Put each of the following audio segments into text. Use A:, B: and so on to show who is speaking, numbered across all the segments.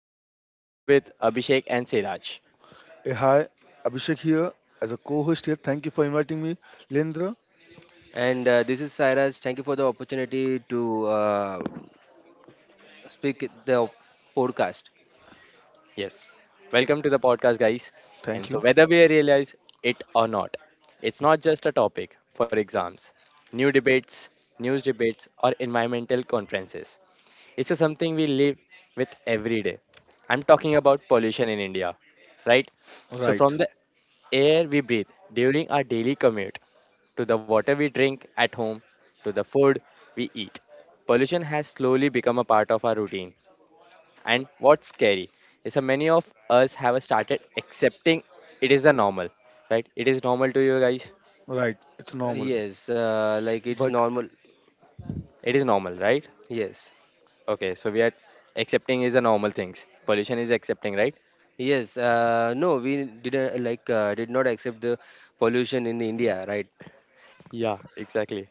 A: us. And I'm here with Abhishek and Siraj.
B: Hey, hi, Abhishek here as a co-host here. Thank you for inviting me, Lendra.
C: And this is Cyrus. Thank you for the opportunity to speak at the podcast.
A: Yes, welcome to the podcast, guys. And
B: Thank
A: so,
B: you.
A: whether we realize it or not, it's not just a topic for exams, new debates, news debates, or environmental conferences. It's just something we live with every day. I'm talking about pollution in India, right? So,
B: Right,
A: from the air we breathe during our daily commute, to the water we drink at home, to the food we eat, pollution has slowly become a part of our routine. And what's scary is that many of us have started accepting it is a normal, right? It is normal to you guys.
B: right. It's
C: Uh,
B: normal,
C: Yes, uh, like it's
B: but
C: normal.
A: It is normal, right?
C: Yes,
A: Okay, so we are accepting is a normal things. Pollution is accepting, right?
C: yes. No, we did not accept the pollution in India, right?
A: Yeah, exactly.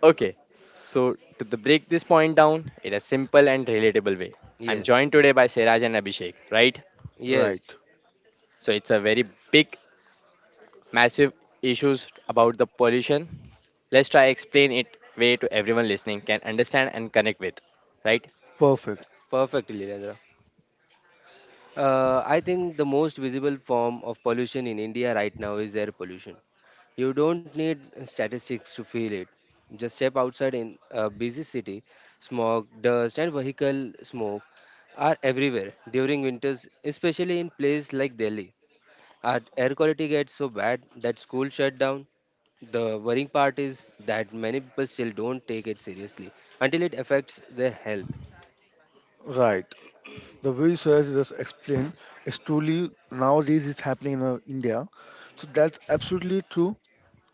A: Okay, so to the break this point down in a simple and relatable way, I'm
C: Yes,
A: joined today by Siraj and Abhishek, right?
C: yes.
B: right,
A: So it's a very big, massive issues about the pollution. Let's try explain it way to everyone listening can understand and connect with, right?
B: perfect.
C: Perfectly, Leandra. I think the most visible form of pollution in India right now is air pollution. You don't need statistics to feel it. Just step outside in a busy city, smog, dust, and vehicle smoke are everywhere during winters, especially in places like Delhi. Our air quality gets so bad that school shut down. The worrying part is that many people still don't take it seriously until it affects their health.
B: Right. The way you Suraj just explained is truly nowadays is happening in India. So that's absolutely true.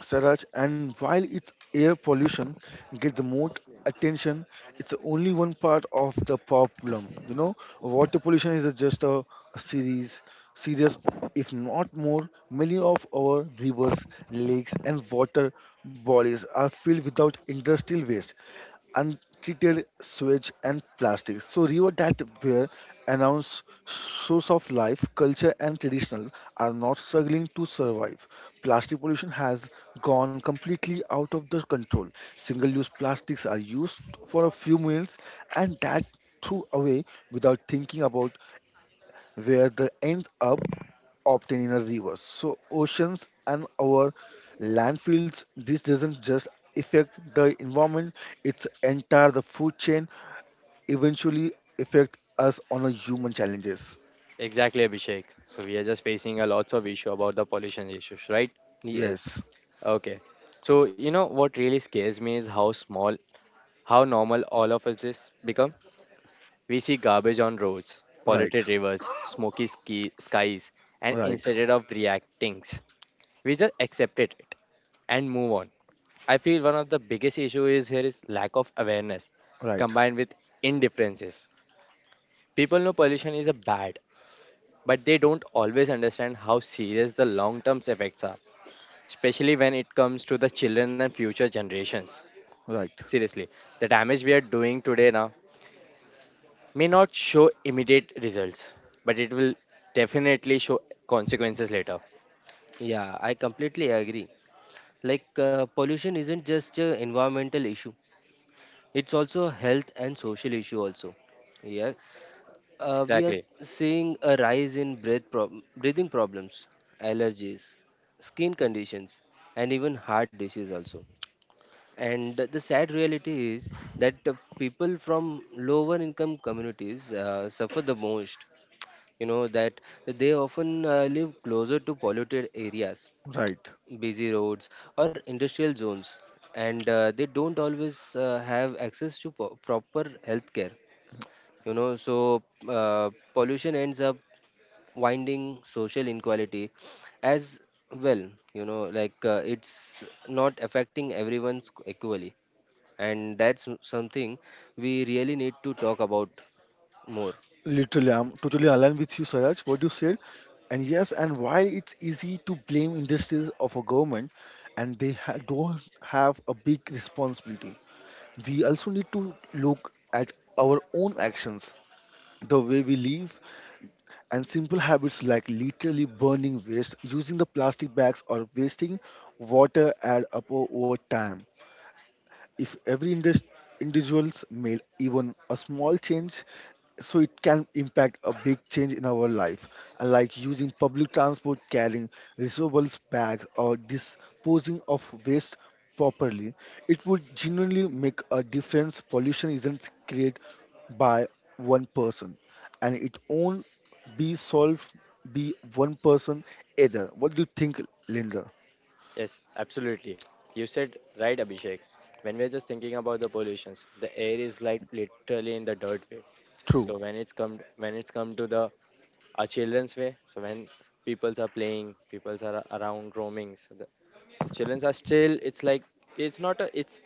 B: Saraj, and while its air pollution get the most attention, it's only one part of the problem. You know, water pollution is just a serious, if not more. Many of our rivers, lakes, and water bodies are filled without industrial waste, untreated sewage and plastic. So river that were announced source of life, culture and traditional are not struggling to survive. Plastic pollution has gone completely out of the control. Single-use plastics are used for a few minutes and that threw away without thinking about where they end up obtained in a river. So oceans and our landfills, this doesn't just affect the environment, it's entire the food chain eventually affect us on a human challenges.
A: Exactly, Abhishek. So we are just facing a lots of issue about the pollution issues, right?
C: Yes,
B: Yes,
A: Okay. So you know what really scares me is how small, how normal all of us this become. We see garbage on roads,
B: right,
A: polluted rivers, smoky skies, and
B: right,
A: instead of reacting, we just accepted it and move on. I feel one of the biggest issue is here is lack of awareness
B: right,
A: combined with indifferences. People know pollution is a bad, but they don't always understand how serious the long-term effects are, especially when it comes to the children and future generations.
B: right,
A: Seriously, the damage we are doing today now may not show immediate results, but it will definitely show consequences later.
C: yeah, I completely agree. Pollution isn't just an environmental issue; it's also a health and social issue also. Yeah, we are
A: Exactly.
C: seeing a rise in breathing problems, allergies, skin conditions, and even heart disease also. And the sad reality is that people from lower income communities suffer the most. You know that they often live closer to polluted areas,
B: right.
C: busy roads or industrial zones, and they don't always have access to proper healthcare, you know. So pollution ends up winding social inequality as well, you know. It's not affecting everyone's equally, and that's something we really need to talk about more.
B: Literally, I'm totally aligned with you, Saraj, what you said. And yes, and while it's easy to blame industries of a government, and they don't have a big responsibility. We also need to look at our own actions, the way we live, and simple habits like literally burning waste, using the plastic bags, or wasting water add up over time. If every individuals made even a small change, so it can impact a big change in our life. Like using public transport, carrying reusable bags or disposing of waste properly, it would genuinely make a difference. Pollution isn't created by one person and it won't be solved by one person either. What do you think, linda?
A: Yes, absolutely. You said right, Abhishek. When we're just thinking about the pollutions, the air is like literally in the dirt way.
B: True.
A: So when it's come to the our children's way, so when peoples are playing, peoples are around roaming, so the childrens are still. It's like it's not a,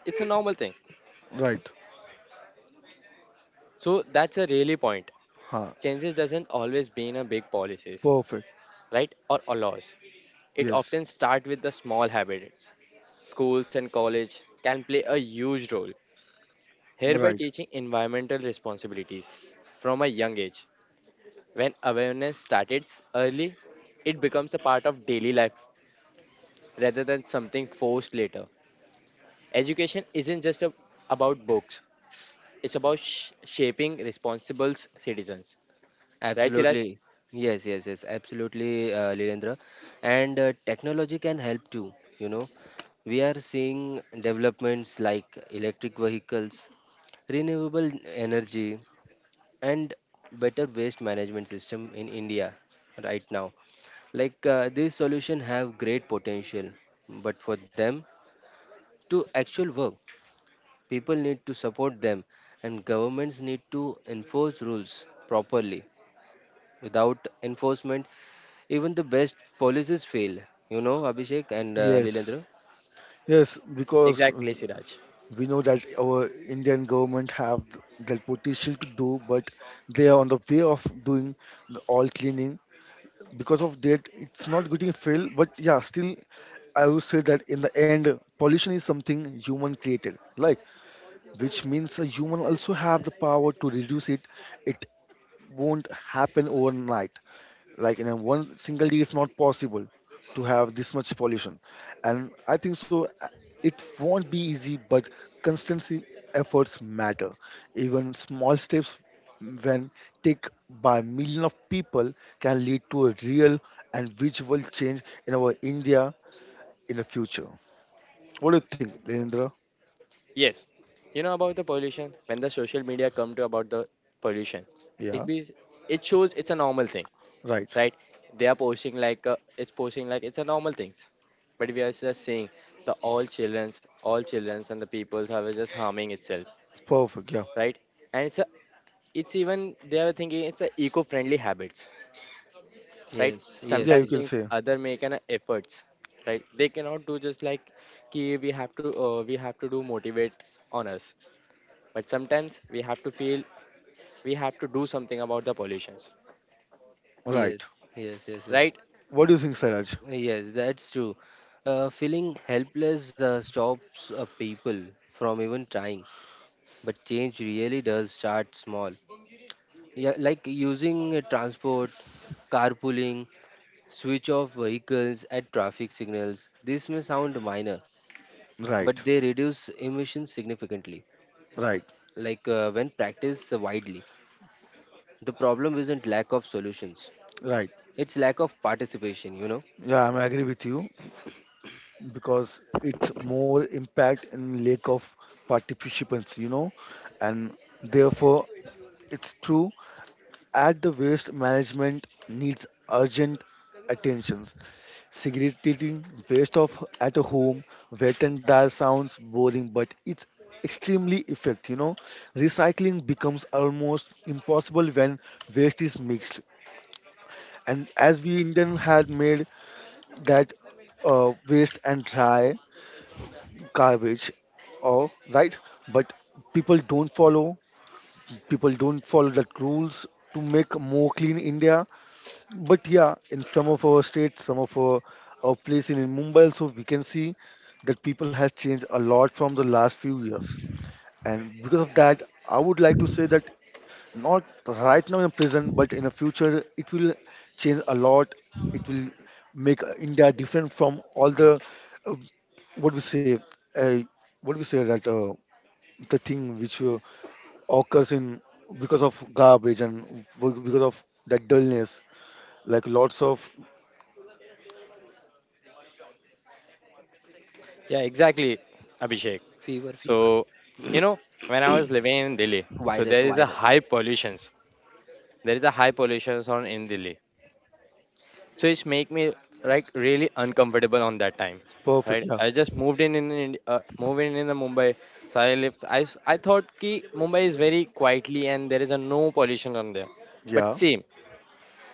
A: it's a normal thing.
B: Right.
A: So that's a really point.
B: Huh.
A: Changes doesn't always mean a big policies.
B: Perfect.
A: Right, or allows. It
B: Yes.
A: often starts with the small habits. Schools and college can play a huge role, here by
B: Right.
A: teaching environmental responsibilities from a young age. When awareness starts early, it becomes a part of daily life rather than something forced later. Education isn't just a, about books, it's about shaping responsible citizens. Right, Siraj?
C: Absolutely. Yes, yes, yes, absolutely, Lilendra. And technology can help too, you know. We are seeing developments like electric vehicles, renewable energy, and better waste management system in India right now. These solutions have great potential, but for them to actual work, people need to support them, and governments need to enforce rules properly. Without enforcement, even the best policies fail, you know, Abhishek and
B: Yes,
C: Lilendra.
B: yes, because
A: Exactly, Siraj.
B: we know that our Indian government have that potential to do, but they are on the way of doing the all cleaning. Because of that, it's not getting failed. But yeah, still, I would say that in the end, pollution is something human created, like which means a human also have the power to reduce it. It won't happen overnight, like in a one single day it's not possible to have this much pollution. And I think so, it won't be easy but constancy efforts matter. Even small steps, when take by million of people, can lead to a real and visual change in our india in the future. What do you think, Leendra?
A: Yes, you know about the pollution. When the social media come to about the pollution,
B: Yeah.
A: it be it shows it's a normal thing,
B: Right.
A: right? They are posting like it's posting like it's a normal things, but we are just saying the all childrens and the peoples are just harming itself,
B: Perfect. Yeah.
A: right? And it's a, it's even they are thinking it's a eco-friendly habits, right?
C: Yes,
B: Yeah,
C: yes,
B: you
A: Sometimes
C: yes,
B: can
A: things
B: say.
A: other make an efforts, right? They cannot do just like ki we have to do motivates on us, but sometimes we have to feel we have to do something about the pollutions,
B: Right.
C: yes, yes, yes, yes.
A: right?
B: What do you think, saraj?
C: Yes, that's true. Feeling helpless stops people from even trying, but change really does start small. Yeah, like using transport, carpooling, switch off vehicles at traffic signals. This may sound minor,
B: Right,
C: but they reduce emissions significantly.
B: right,
C: When practiced widely, the problem isn't lack of solutions,
B: right,
C: it's lack of participation, you know.
B: yeah, I'm agree with you because it's more impact in lack of participants, you know, and therefore it's true at the waste management needs urgent attentions. Segregating waste of at a home, wet and dry sounds boring, but it's extremely effect, you know. Recycling becomes almost impossible when waste is mixed, and as we indian had made that waste and dry garbage or right, but people don't follow people don't follow that rules to make more clean india. But yeah, in some of our states, some of our place in mumbai also we can see that people have changed a lot from the last few years, and because of that I would like to say that not right now in present but in the future it will change a lot. It will make india different from all the uh, what we say uh, what we say that the thing which occurs in because of garbage and because of that dullness, like lots of.
A: Yeah, exactly, Abhishek.
C: Fever,
A: So
C: fever.
A: you know, when I was living in Delhi, so
C: Virus,
A: there is a
C: virus.
A: high pollutions there is a high pollutions on in Delhi, so it's make me like really uncomfortable on that time,
B: Perfect.
A: right?
B: Yeah.
A: I just moved in the Mumbai. So I lived I thought ki Mumbai is very quietly and there is a no pollution on there,
B: Yeah.
A: but same,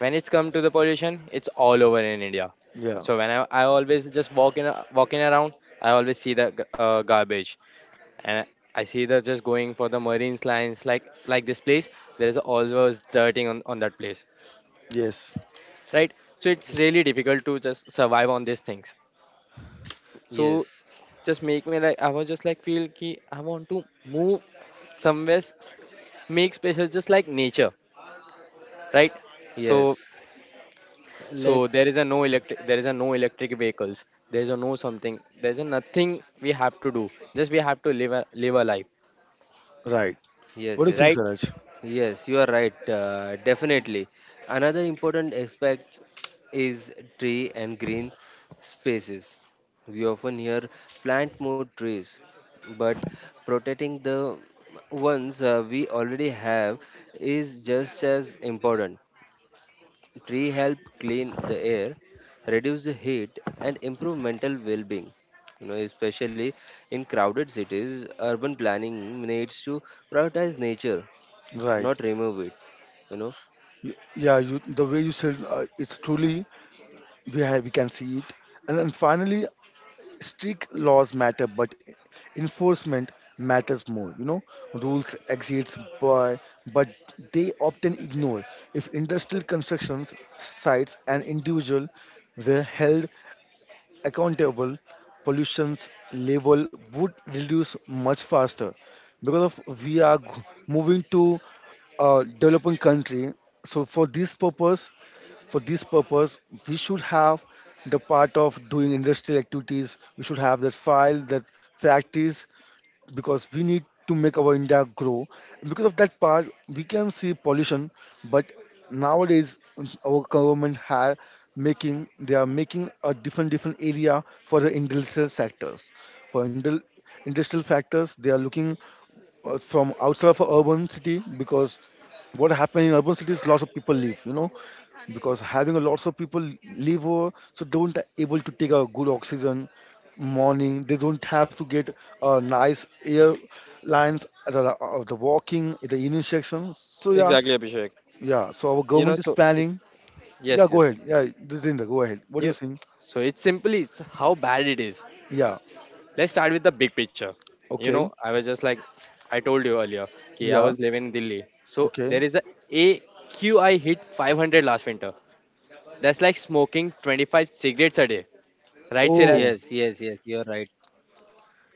A: when it's come to the pollution, it's all over in India.
B: Yeah.
A: So I always just walk in walking around, I always see the garbage, and I see the just going for the Marine Lines, like this place, there is always dirting on that place,
B: Yes.
A: right? So it's really difficult to just survive on these things. So
C: Yes,
A: just make me like I was just like feel ki I want to move somewhere make special just like nature, right? So
C: yes. Like,
A: so there is a no electric, there is a no electric vehicles. There is a no something. There is a nothing we have to do. Just we have to live a live a life.
B: Right. What
C: yes,
B: do you think,
A: Right?
C: yes.
B: Saraj?
C: Yes, you are right. Definitely. Another important aspect is tree and green spaces. We often hear plant more trees, but protecting the ones we already have is just as important. Tree help clean the air, reduce the heat, and improve mental well-being. You know, especially in crowded cities, urban planning needs to prioritize nature,
B: Right.
C: not remove it. You know,
B: Y- yeah, you, the way you said, it's truly, we can see it. And then finally, strict laws matter but enforcement matters more, you know. Rules exist by, but they often ignore. If industrial constructions sites and individual were held accountable, pollution's level would reduce much faster because of we are moving to a developing country. So for this purpose, we should have the part of doing industrial activities. We should have that file, that practice, because we need to make our India grow. Because of that part, we can see pollution, but nowadays our government have making they are making a different different area for the industrial sectors. For industrial factors, they are looking from outside of a urban city, because what happened in urban cities, lots of people live, you know. Because having a lots of people live over, so don't able to take a good oxygen. Morning they don't have to get a nice air lines at the walking at the evening section, so yeah.
A: Exactly, Abhishek.
B: Yeah, so our
A: You know,
B: government is
A: so it,
B: planning. Yeah,
A: yes,
B: go
A: yes.
B: ahead. Yeah, Jitendra, go ahead, what do you
A: You
B: think?
A: so it's simply it's how bad it is.
B: Yeah.
A: Let's start with the big picture. You
B: Okay.
A: know, I was just like I told you earlier, okay, I
B: Yeah.
A: was living in Delhi. So
B: Okay.
A: there is a AQI hit 500 last winter. That's like smoking 25 cigarettes a day. Right,
B: Oh.
A: Siraj?
C: yes, yes, yes, you're right.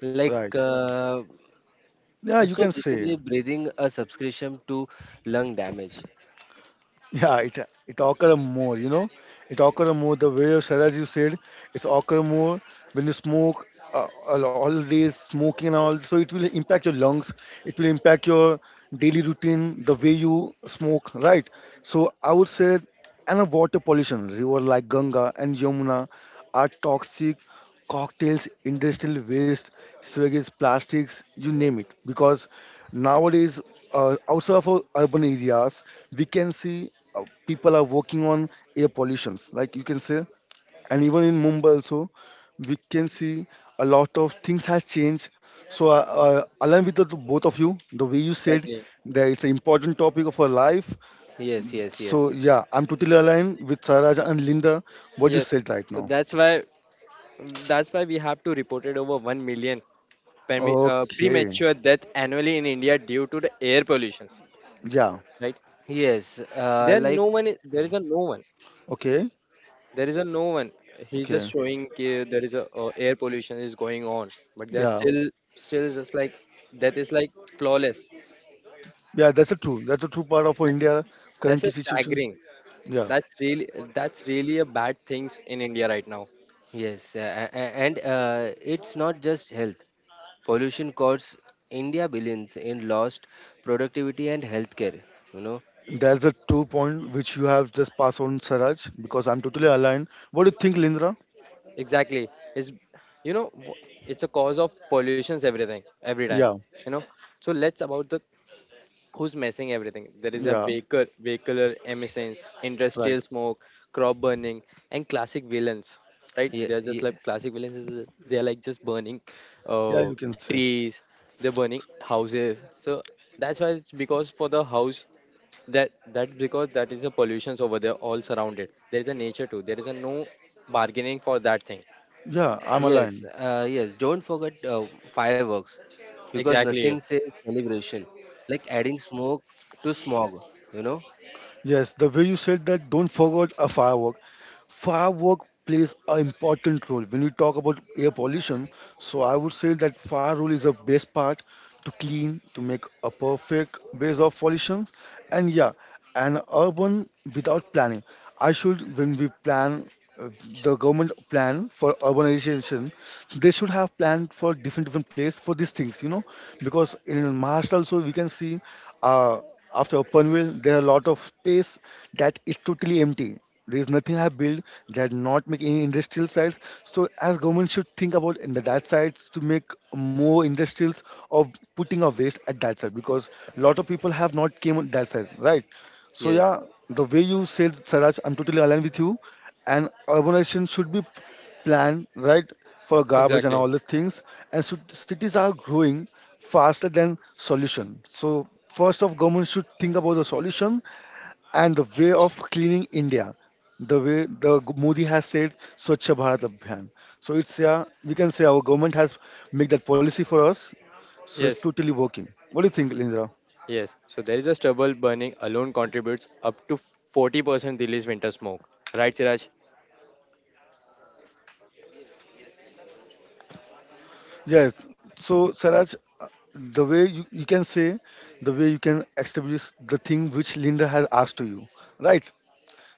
C: like
B: Right.
C: uh,
B: Yeah, you
C: so
B: can say.
C: basically breathing a subscription to lung damage.
B: Yeah, it occur more, you know, it occur more the way Sarah, as you said, it's occur more when you smoke, all day smoking and all, so it will impact your lungs, it will impact your daily routine, the way you smoke, right? So I would say, and a water pollution, river like Ganga and Yamuna are toxic cocktails, industrial waste, sewage, plastics, you name it. Because nowadays, outside of our urban areas, we can see people are working on air pollutions, like you can say. And even in Mumbai also, we can see a lot of things has changed. So, along with the, both of you, the way you said
A: Exactly.
B: that it's an important topic of our life.
C: Yes, yes,
B: So,
C: yes.
B: yeah, I'm totally aligned with Saraj and Linda, what you
A: Yes.
B: said right
A: So
B: now.
A: that's why that's why we have to reported over 1 million
B: Okay.
A: premature death annually in India due to the air pollutions.
B: Yeah.
A: Right?
C: Yes, uh,
A: There
C: like
A: no one. There is a no one.
B: Okay.
A: There is a no one. He's just
B: Okay.
A: showing ki there is a air pollution is going on, but they
B: Yeah.
A: still still just like that is like flawless.
B: Yeah. That's a true. That's a true part of our
A: That,
B: India
A: that's
B: currently
A: a
B: situation.
A: staggering.
B: Yeah.
A: That's really that's really a bad things in India right now.
C: Yes, a- and It's not just health. Pollution costs India billions in lost productivity and healthcare. You know,
B: That's a true point which you have just passed on, Saraj, because I'm totally aligned. What do you think, Lindra?
A: Exactly is, you know, it's a cause of pollutions everything every time,
B: Yeah.
A: you know. So let's about the who's messing everything. There is a
B: Yeah.
A: vehicle vehicular emissions,
B: Right.
A: industrial smoke, crop burning, and classic villains, right? They're just like
C: Yes,
A: classic villains is they're like just burning
B: Yeah,
A: uh,
B: you can say.
A: trees, they're burning houses. So that's why it's because for the house, that that because that is the pollutions over there all surrounded, there is a nature too, there is a no bargaining for that thing.
B: Yeah, I'm
C: yes,
B: aligned.
C: yes. Don't forget fireworks, because nothing
A: Exactly.
C: says celebration like adding smoke to smog. You know,
B: Yes. The way you said that, don't forget a firework. Firework plays an important role when we talk about air pollution. So I would say that fire role is the best part to clean, to make a perfect base of pollution. And yeah, an urban without planning. I should, when we plan, uh, the government plan for urbanization, they should have planned for different different place for these things, you know. Because in Maharashtra also we can see uh, after Panvel there are a lot of space that is totally empty, there's nothing I build, that not make any industrial sites. So as government should think about in the that sites to make more industrials or putting a waste at that side, because a lot of people have not came on that side, right? So
C: yes,
B: yeah, the way you said, Saraj, I'm totally aligned with you. And urbanization should be planned, right, for garbage and
A: Exactly.
B: all the things. And so cities are growing faster than solution. So first of government should think about the solution and the way of cleaning India, the way the Modi has said Swachh Bharat Abhiyan. So it's, yeah, we can say our government has made that policy for us. So it's
A: Yes.
B: totally working. What do you think, Lindra?
A: Yes. So there is a stubble burning alone contributes up to 40% release winter smoke. Right, Siraj?
B: Yes. So Saraj, the way you can say, the way you can establish the thing which Linda has asked to you, right?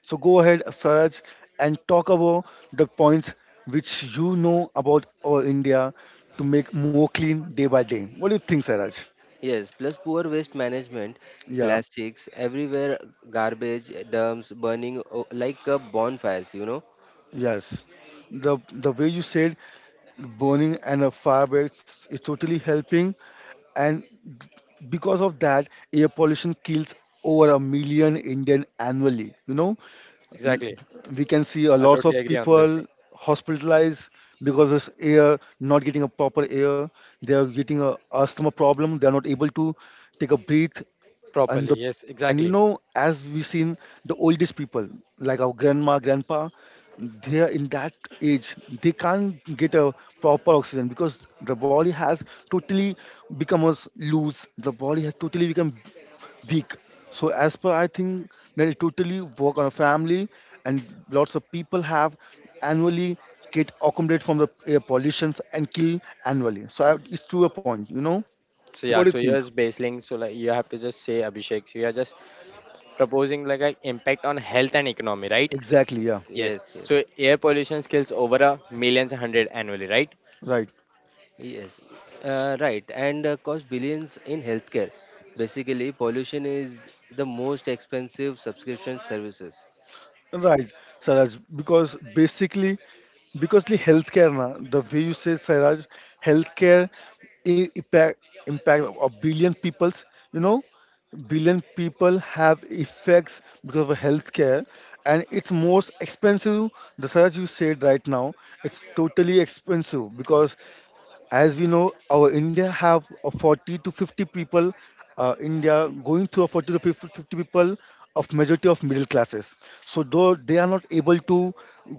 B: So go ahead, Saraj, and talk about the points which you know about our India to make more clean day by day. What do you think, Saraj?
C: yes. Plus poor waste management,
B: Yeah.
C: plastics everywhere, garbage dumps burning bonfires. You know,
B: Yes, the way you said burning and a fireworks is totally helping, and because of that, air pollution kills over a million Indian annually. You know, L-
A: Exactly.
B: we can see a
A: I
B: lot of
A: totally agree on this
B: people
A: thing.
B: hospitalized because of air not getting a proper air. They are getting a asthma problem. They are not able to take a breath. And
A: Properly.
B: the
A: Yes,
B: and you
A: exactly.
B: know, as we seen the oldest people, like our grandma grandpa, they are in that age, they can't get a proper oxygen because totally the body has totally become weak. So as per I think that it totally work on a family, and lots of people have annually get accumulated from the air pollutions and kill annually, so I, it's to a point, you know.
A: So
B: What
A: yeah,
B: do you
A: so
B: think?
A: here's baseling. So like you have to just say Abhishek. So you are just proposing like an impact on health and economy, right?
B: Exactly. Yeah.
A: Yes.
C: yes,
A: So
C: yes.
A: air pollution kills over a millions hundred annually, right?
B: Right.
C: Yes, right, and cost billions in healthcare. Basically, pollution is the most expensive subscription services.
B: Right, Saraj, because basically, because the healthcare, na, the way you say, Saraj, healthcare i- impact impact of billion peoples, you know, billion people have effects because of healthcare, and it's most expensive. The Saraj you said right now, it's totally expensive because as we know our india have a 40 to 50 people india going through a fifty people of majority of middle classes so though they are not able to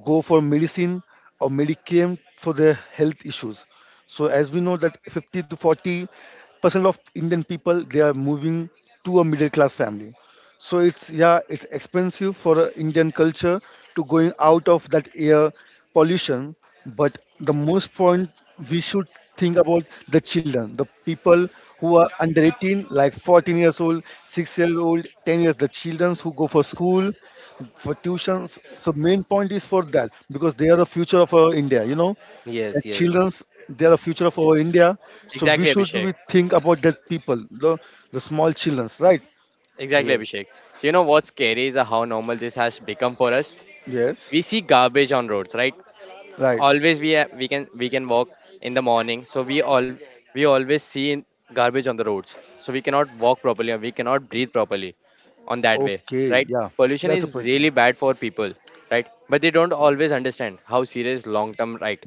B: go for medicine or medicare for their health issues so as we know that 50 to 40% of indian people they are moving to a middle class family so it's, yeah, it's expensive for the Indian culture to going out of that air pollution. But the most point we should think about the children, the people who are under 18, like 14 years old, 6-year-old, 10 years, the children who go for school, for tuitions. So main point is for that because they are the future of our India. You know, the
C: Yes, yes,
B: childrens, they are the future of our India. So we
A: Exactly,
B: should
A: Abhishek.
B: we think about that people, the small childrens, right?
A: Exactly,
C: yes,
A: Abhishek. So you know what's scary is how normal this has become for us.
B: Yes.
A: We see garbage on roads, right?
B: Right.
A: Always we can walk in the morning, so we all we always see garbage on the roads, so we cannot walk properly or we cannot breathe properly on that way,
B: Okay.
A: right?
B: Yeah.
A: Pollution
B: That's a
A: is
B: point.
A: really bad for people, right, but they don't always understand how serious long term, right?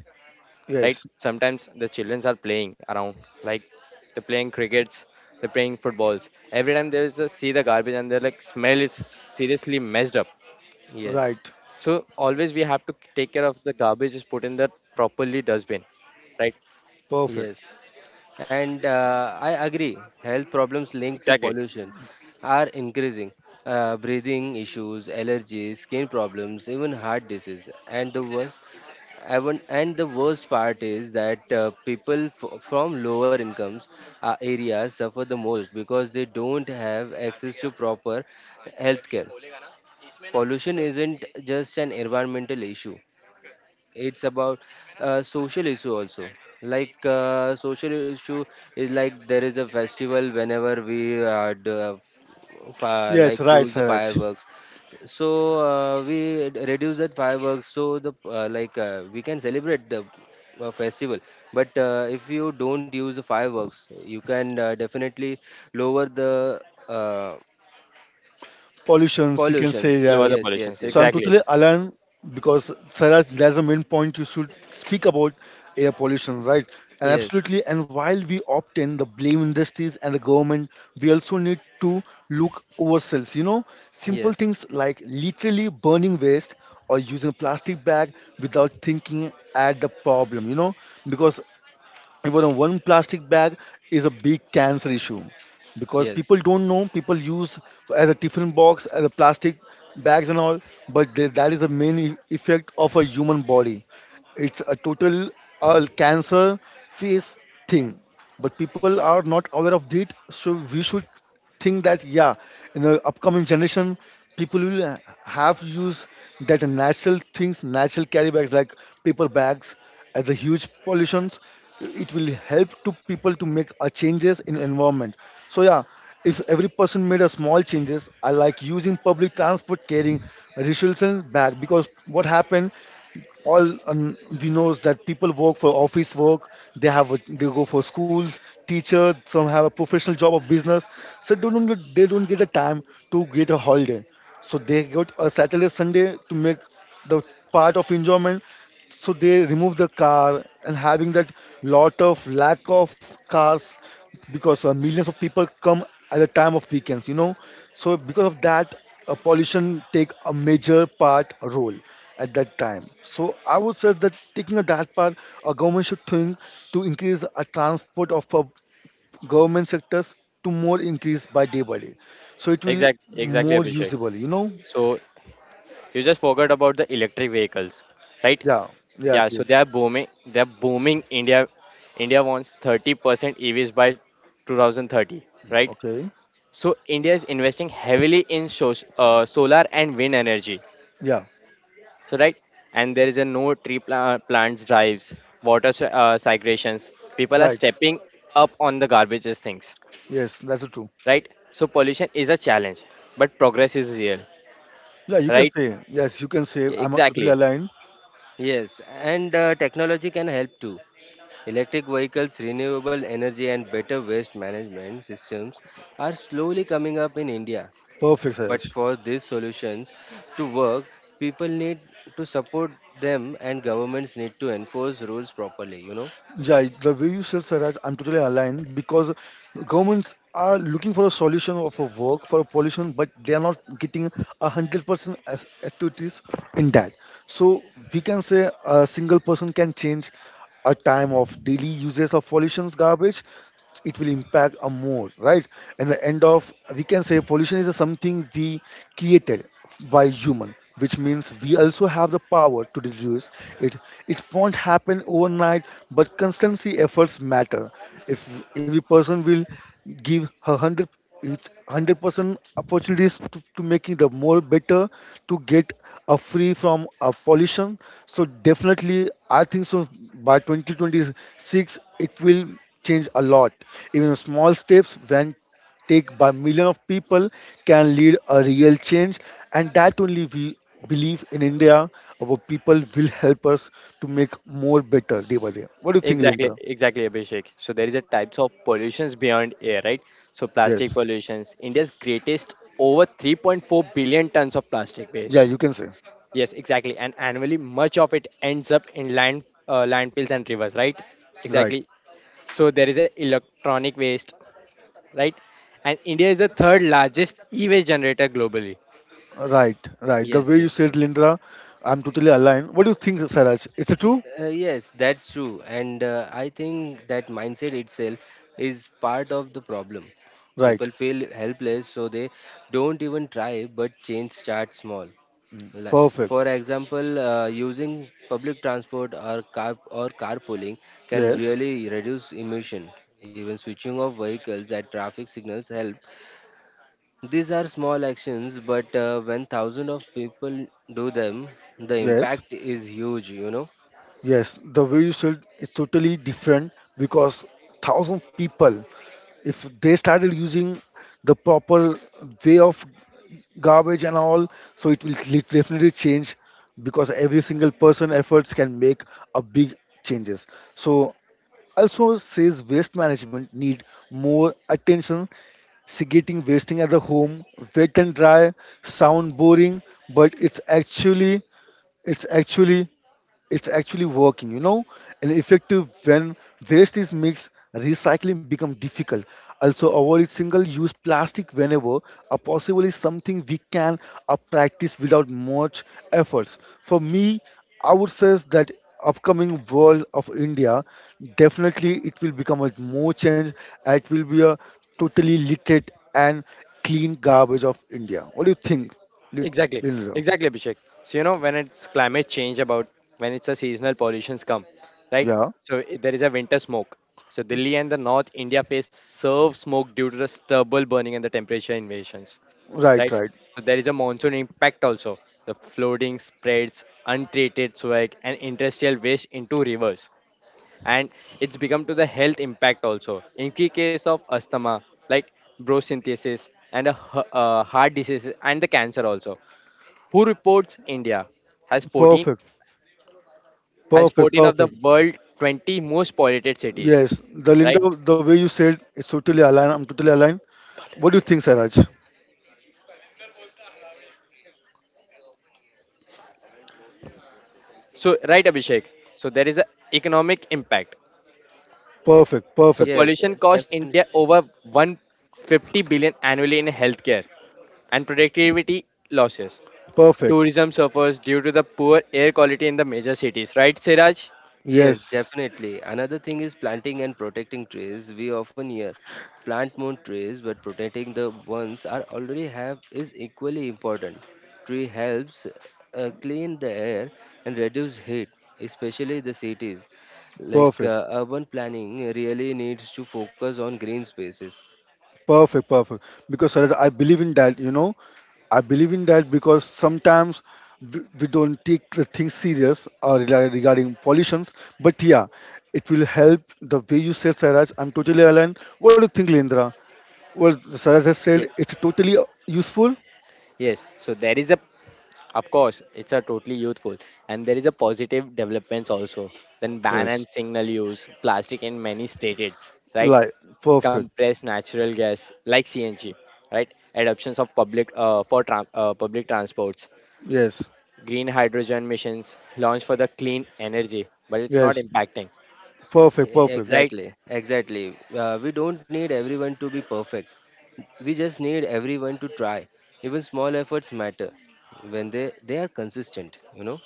A: Right,
B: Yes.
A: sometimes the children are playing around, like they're playing crickets, they're playing footballs, every time they just see the garbage and they're like smell is seriously messed up.
C: yes,
B: Right.
A: So always we have to take care of the garbage is put in the properly dustbin, right?
B: Perfect.
C: yes. And I agree, health problems linked to
A: Exactly.
C: pollution are increasing. Breathing issues, allergies, skin problems, even heart disease. And the worst part is that people from lower incomes areas suffer the most because they don't have access to proper healthcare. Pollution isn't just an environmental issue; it's about social issue also, social issue is like there is a festival whenever we do, fi like
B: Yes. Right,
C: do the
B: Saraj.
C: fireworks, so we reduce that fireworks so the, we can celebrate the festival, but if you don't use the fireworks you can definitely lower the uh,
B: Pollutions, you can
C: pollutions,
B: say,
A: Lower
B: yes.
A: the
C: yes, yes,
A: pollutions.
C: yes,
B: So I'm
C: yes,
A: Exactly.
B: totally aligned because, Saraj, that's the main point you should speak about air pollution, right? And
C: yes,
B: absolutely. And while we obtain the blame industries and the government, we also need to look ourselves. You know, simple
C: yes,
B: things like literally burning waste or using a plastic bag without thinking at the problem. You know, because even a one plastic bag is a big cancer issue because
C: yes.
B: people don't know, people use as a tiffin box, as a plastic bags and all, but they, that is the main effect of a human body, it's a total cancer face thing, but people are not aware of it, so we should think that, yeah, in the upcoming generation, people will have use that natural things, natural carry bags like paper bags as a huge pollutions. It will help to people to make a changes in environment. So yeah, if every person made a small changes, I like using public transport, carrying a reusable bag, because what happened, all we know is that people work for office work, they have a, they go for schools, teacher, some have a professional job of business, so they don't get a time to get a holiday, so they got a saturday sunday to make the part of enjoyment, so they remove the car and having that lot of lack of cars because millions of people come at the time of weekends, you know, so because of that pollution take a major part a role at that time, so I would say that taking a that part, a government should think to increase a transport of government sectors to more increase by day by day, so it will
A: Exact. Exactly,
B: more
A: Abhishek.
B: usable, you know.
A: So you just forgot about the electric vehicles, right?
B: Yeah.
A: Yeah.
B: Yes,
A: So they
B: yes.
A: are booming. They are booming. India. India wants 30% EVs by 2030, right?
B: Okay.
A: So India is investing heavily in so, solar and wind energy,
B: Yeah.
A: so right, and there is a no tree plants drives, water segregations, people are
B: Right.
A: stepping up on the garbages things,
B: Yes, that's true.
A: right? So pollution is a challenge, but progress is real,
B: Yeah, you can
A: right?
B: say, yes, you can say, I'm totally
A: Exactly,
B: aligned.
C: Yes, and technology can help too. Electric vehicles, renewable energy, and better waste management systems are slowly coming up in India.
B: Perfect,
C: But
B: Saraj.
C: for these solutions to work, people need to support them, and governments need to enforce rules properly, you know.
B: Yeah, the way you said, Saraj, I'm totally aligned because governments are looking for a solution of a work for pollution, but they are not getting 100% as activities in that. So we can say a single person can change a time of daily uses of pollution's garbage, it will impact a more, right, and the end of we can say pollution is something we created by human, which means we also have the power to reduce it, it won't happen overnight but constancy efforts matter, if every person will give her 100, it's 100% opportunities to making the more better to get a free from a pollution, so definitely I think so by 2026 it will change a lot, even small steps when take by million of people can lead a real change, and that only we believe in india, our people will help us to make more better day by day, what do you think
A: exactly.
B: linda.
A: Exactly, Abhishek. So there is a types of pollutions beyond air, right? So plastic
B: Yes.
A: pollutions India's greatest, over 3.4 billion tons of plastic
B: Yeah,
A: waste.
B: you can say.
A: Yes, exactly, and annually much of it ends up in land, landfills and rivers, right?
B: Right,
A: Exactly. So there is a electronic waste, right? And India is the third largest e-waste generator globally.
B: right, right, the
C: Yes,
B: way you
C: yes.
B: said, linda, I'm totally aligned, what do you think saraj, it's a true.
C: Yes, that's true. And I think that mindset itself is part of the problem.
B: Right.
C: People feel helpless, so they don't even try, but change starts small. Like,
B: Perfect.
C: for example, using public transport or car or carpooling can
B: Yes,
C: really reduce emission. Even switching off vehicles at traffic signals help. These are small actions, but when thousands of people do them, the
B: yes,
C: impact is huge. You know.
B: yes, the way you said is totally different because thousand people if they started using the proper way of garbage and all so definitely change because every single person efforts can make a big changes. So also says waste management need more attention, segregating wasting at the home, wet and dry, sound boring, but it's actually it's actually working, you know, and effective when waste is mixed, recycling becomes difficult. Also, avoid single-use plastic whenever a possible is something we can practice without much efforts. For me, I would say that upcoming world of India, definitely it will become a more change. And it will be a totally literate and clean garbage of India. What do you think, Lin-
A: Exactly,
B: Linda?
A: exactly, Abhishek. So you know when it's climate change about, when it's a seasonal pollutions come, right?
B: Yeah,
A: So there is a winter smoke. So Delhi and the North India face serve smoke due to the stubble burning and the temperature invasions,
B: right,
A: right?
B: right.
A: So there is a monsoon impact also. The flooding spreads untreated swag and industrial waste into rivers, and it's become to the health impact also in key case of asthma like brosynthesis and a, heart disease and the cancer also. Who reports India has 14
B: Perfect.
A: has
B: Perfect,
A: 14 of the
B: perfect.
A: world 20 most polluted cities,
B: Yes, the Linda,
A: right?
B: the way you said is totally aligned. I'm totally aligned. What do you think, Saraj?
A: So right, Abhishek. So there is a economic impact.
B: Perfect,
A: So
B: perfect,
C: Yes,
A: pollution costs
C: definitely.
A: India over 150 billion annually in healthcare and productivity losses.
B: perfect.
A: Tourism suffers due to the poor air quality in the major cities, right, Siraj?
C: Yes,
B: Yes,
C: definitely. Another thing is planting and protecting trees. We often hear plant more trees, but protecting the ones are already have is equally important. Tree helps clean the air and reduce heat, especially the cities.
B: perfect,
C: Urban planning really needs to focus on green spaces.
B: perfect, perfect. Because Saraj, I believe in that. You know, I believe in that because sometimes we don't take the things serious regarding pollutions. But yeah, it will help the way you said, Saraj. I'm totally aligned. What do you think, Lindra? Well, Saraj has
A: Yeah.
B: said it's totally useful.
A: Yes. So there is a, of course, it's a totally youthful, and there is a positive developments also. Then ban
B: Yes,
A: and signal use plastic in many states, right?
B: like, perfect.
A: Compressed natural gas like CNG, right? Adoptions of public for tran public transports,
B: Yes,
A: green hydrogen missions launched for the clean energy, but it's not
B: yes,
A: impacting,
C: Yeah,
B: perfect, perfect.
A: right?
C: exactly, exactly. We don't need everyone to be perfect. We just need everyone to try. Even small efforts matter when they are consistent, you know?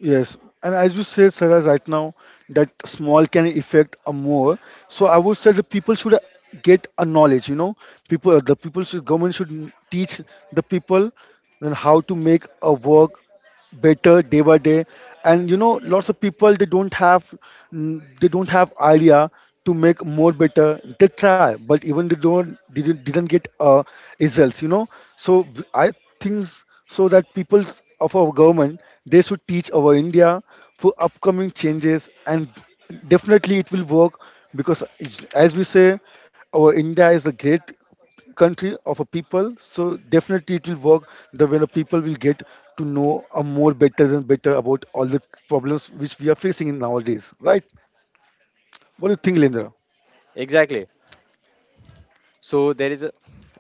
B: Yes, and as you said, Sarah, right now that small can affect a more. So I would say the people should get a knowledge. You know, people, the people should, government should teach the people then how to make a work better day by day, and you know lots of people they don't have, they don't have idea to make more better, they try but even they don't didn't get results, you know, so I think so that people of our government they should teach our india for upcoming changes and definitely it will work because as we say our india is a great country of a people so definitely it will work, the way the people will get to know a more better than better about all the problems which we are facing in nowadays, right, what do you think lindra.
A: Exactly. So there is a,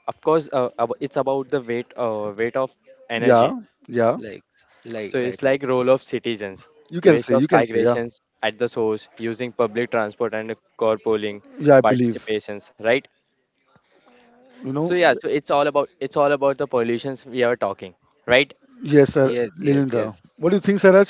A: of course, it's about the weight weight of
B: Yeah.
A: energy.
B: Yeah,
C: Like like,
A: So
C: right,
A: it's
C: right.
A: like role of citizens,
B: you can
A: waste
B: say,
A: of
B: you can say, yeah.
A: segregations at the source, using public transport and carpooling
B: Yeah, I believe,
A: participations, right?
B: you
A: So
B: know.
A: yeah, so it's all about the pollutions we are talking, right?
B: Yes sir.
C: Yes, yes,
B: Lindra,
C: yes.
B: what do you think saraj,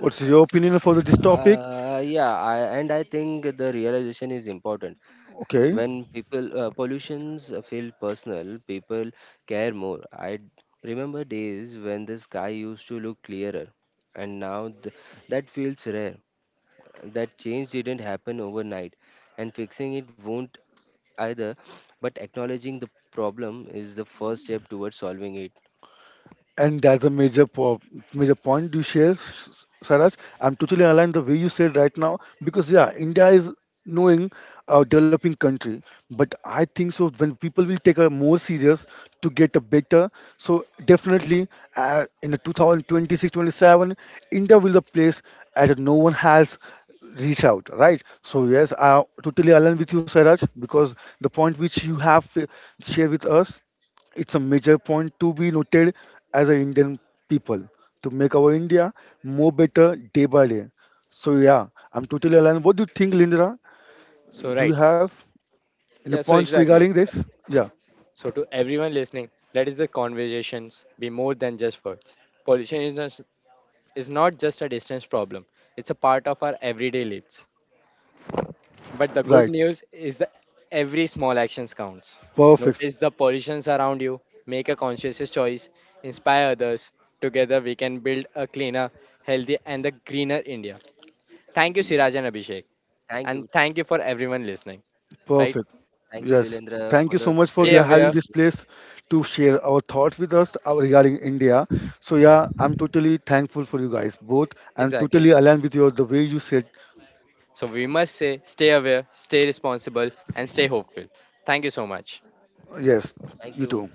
B: what's your opinion for this topic.
C: And I think the realization is important.
B: Okay.
C: When people pollutions feel personal, people care more. I remember days when the sky used to look clearer, and now th that feels rare. That change didn't happen overnight, and fixing it won't either, but acknowledging the problem is the first step towards solving it.
B: And that's a major point you share, Saraj. I'm totally aligned the way you said right now because yeah, India is knowing a developing country, but I think so when people will take a more serious to get a better. So definitely in the 2026-27, India will the place as no one has reach out, right? So yes, I totally align with you, Saraj, because the point which you have shared with us, it's a major point to be noted as an Indian people to make our India more better day by day. So yeah, I'm totally aligned. What do you think, Lindra?
A: So
B: Do you
A: right.
B: have
A: Yeah,
B: any
A: so
B: points
A: exactly.
B: regarding this? Yeah,
A: So to everyone listening, let is the conversations be more than just words. Pollution is not just a distance problem. It's a part of our everyday lives. But the good
B: right.
A: news is that every small actions counts.
B: Perfect.
A: Notice the pollutions around you, make a conscious choice, inspire others. Together we can build a cleaner, healthier and a greener India. Thank you, Siraj and Abhishek,
C: Thank you.
A: and thank you for everyone listening. Right?
B: Perfect.
C: Thank you,
B: Yes.
C: Lilendra,
B: Thank
C: for
B: you so
C: the
B: much for
C: great
A: Stay
B: your having
A: aware.
B: this
C: opportunity.
B: place to share our thoughts with us regarding India. So yeah, I'm totally thankful for you guys both. I'm
A: Exactly.
B: totally aligned with you the way you said.
A: So we must say stay aware, stay responsible and stay hopeful. Thank you so much.
B: Yes,
C: Thank
B: you
C: you.
B: too.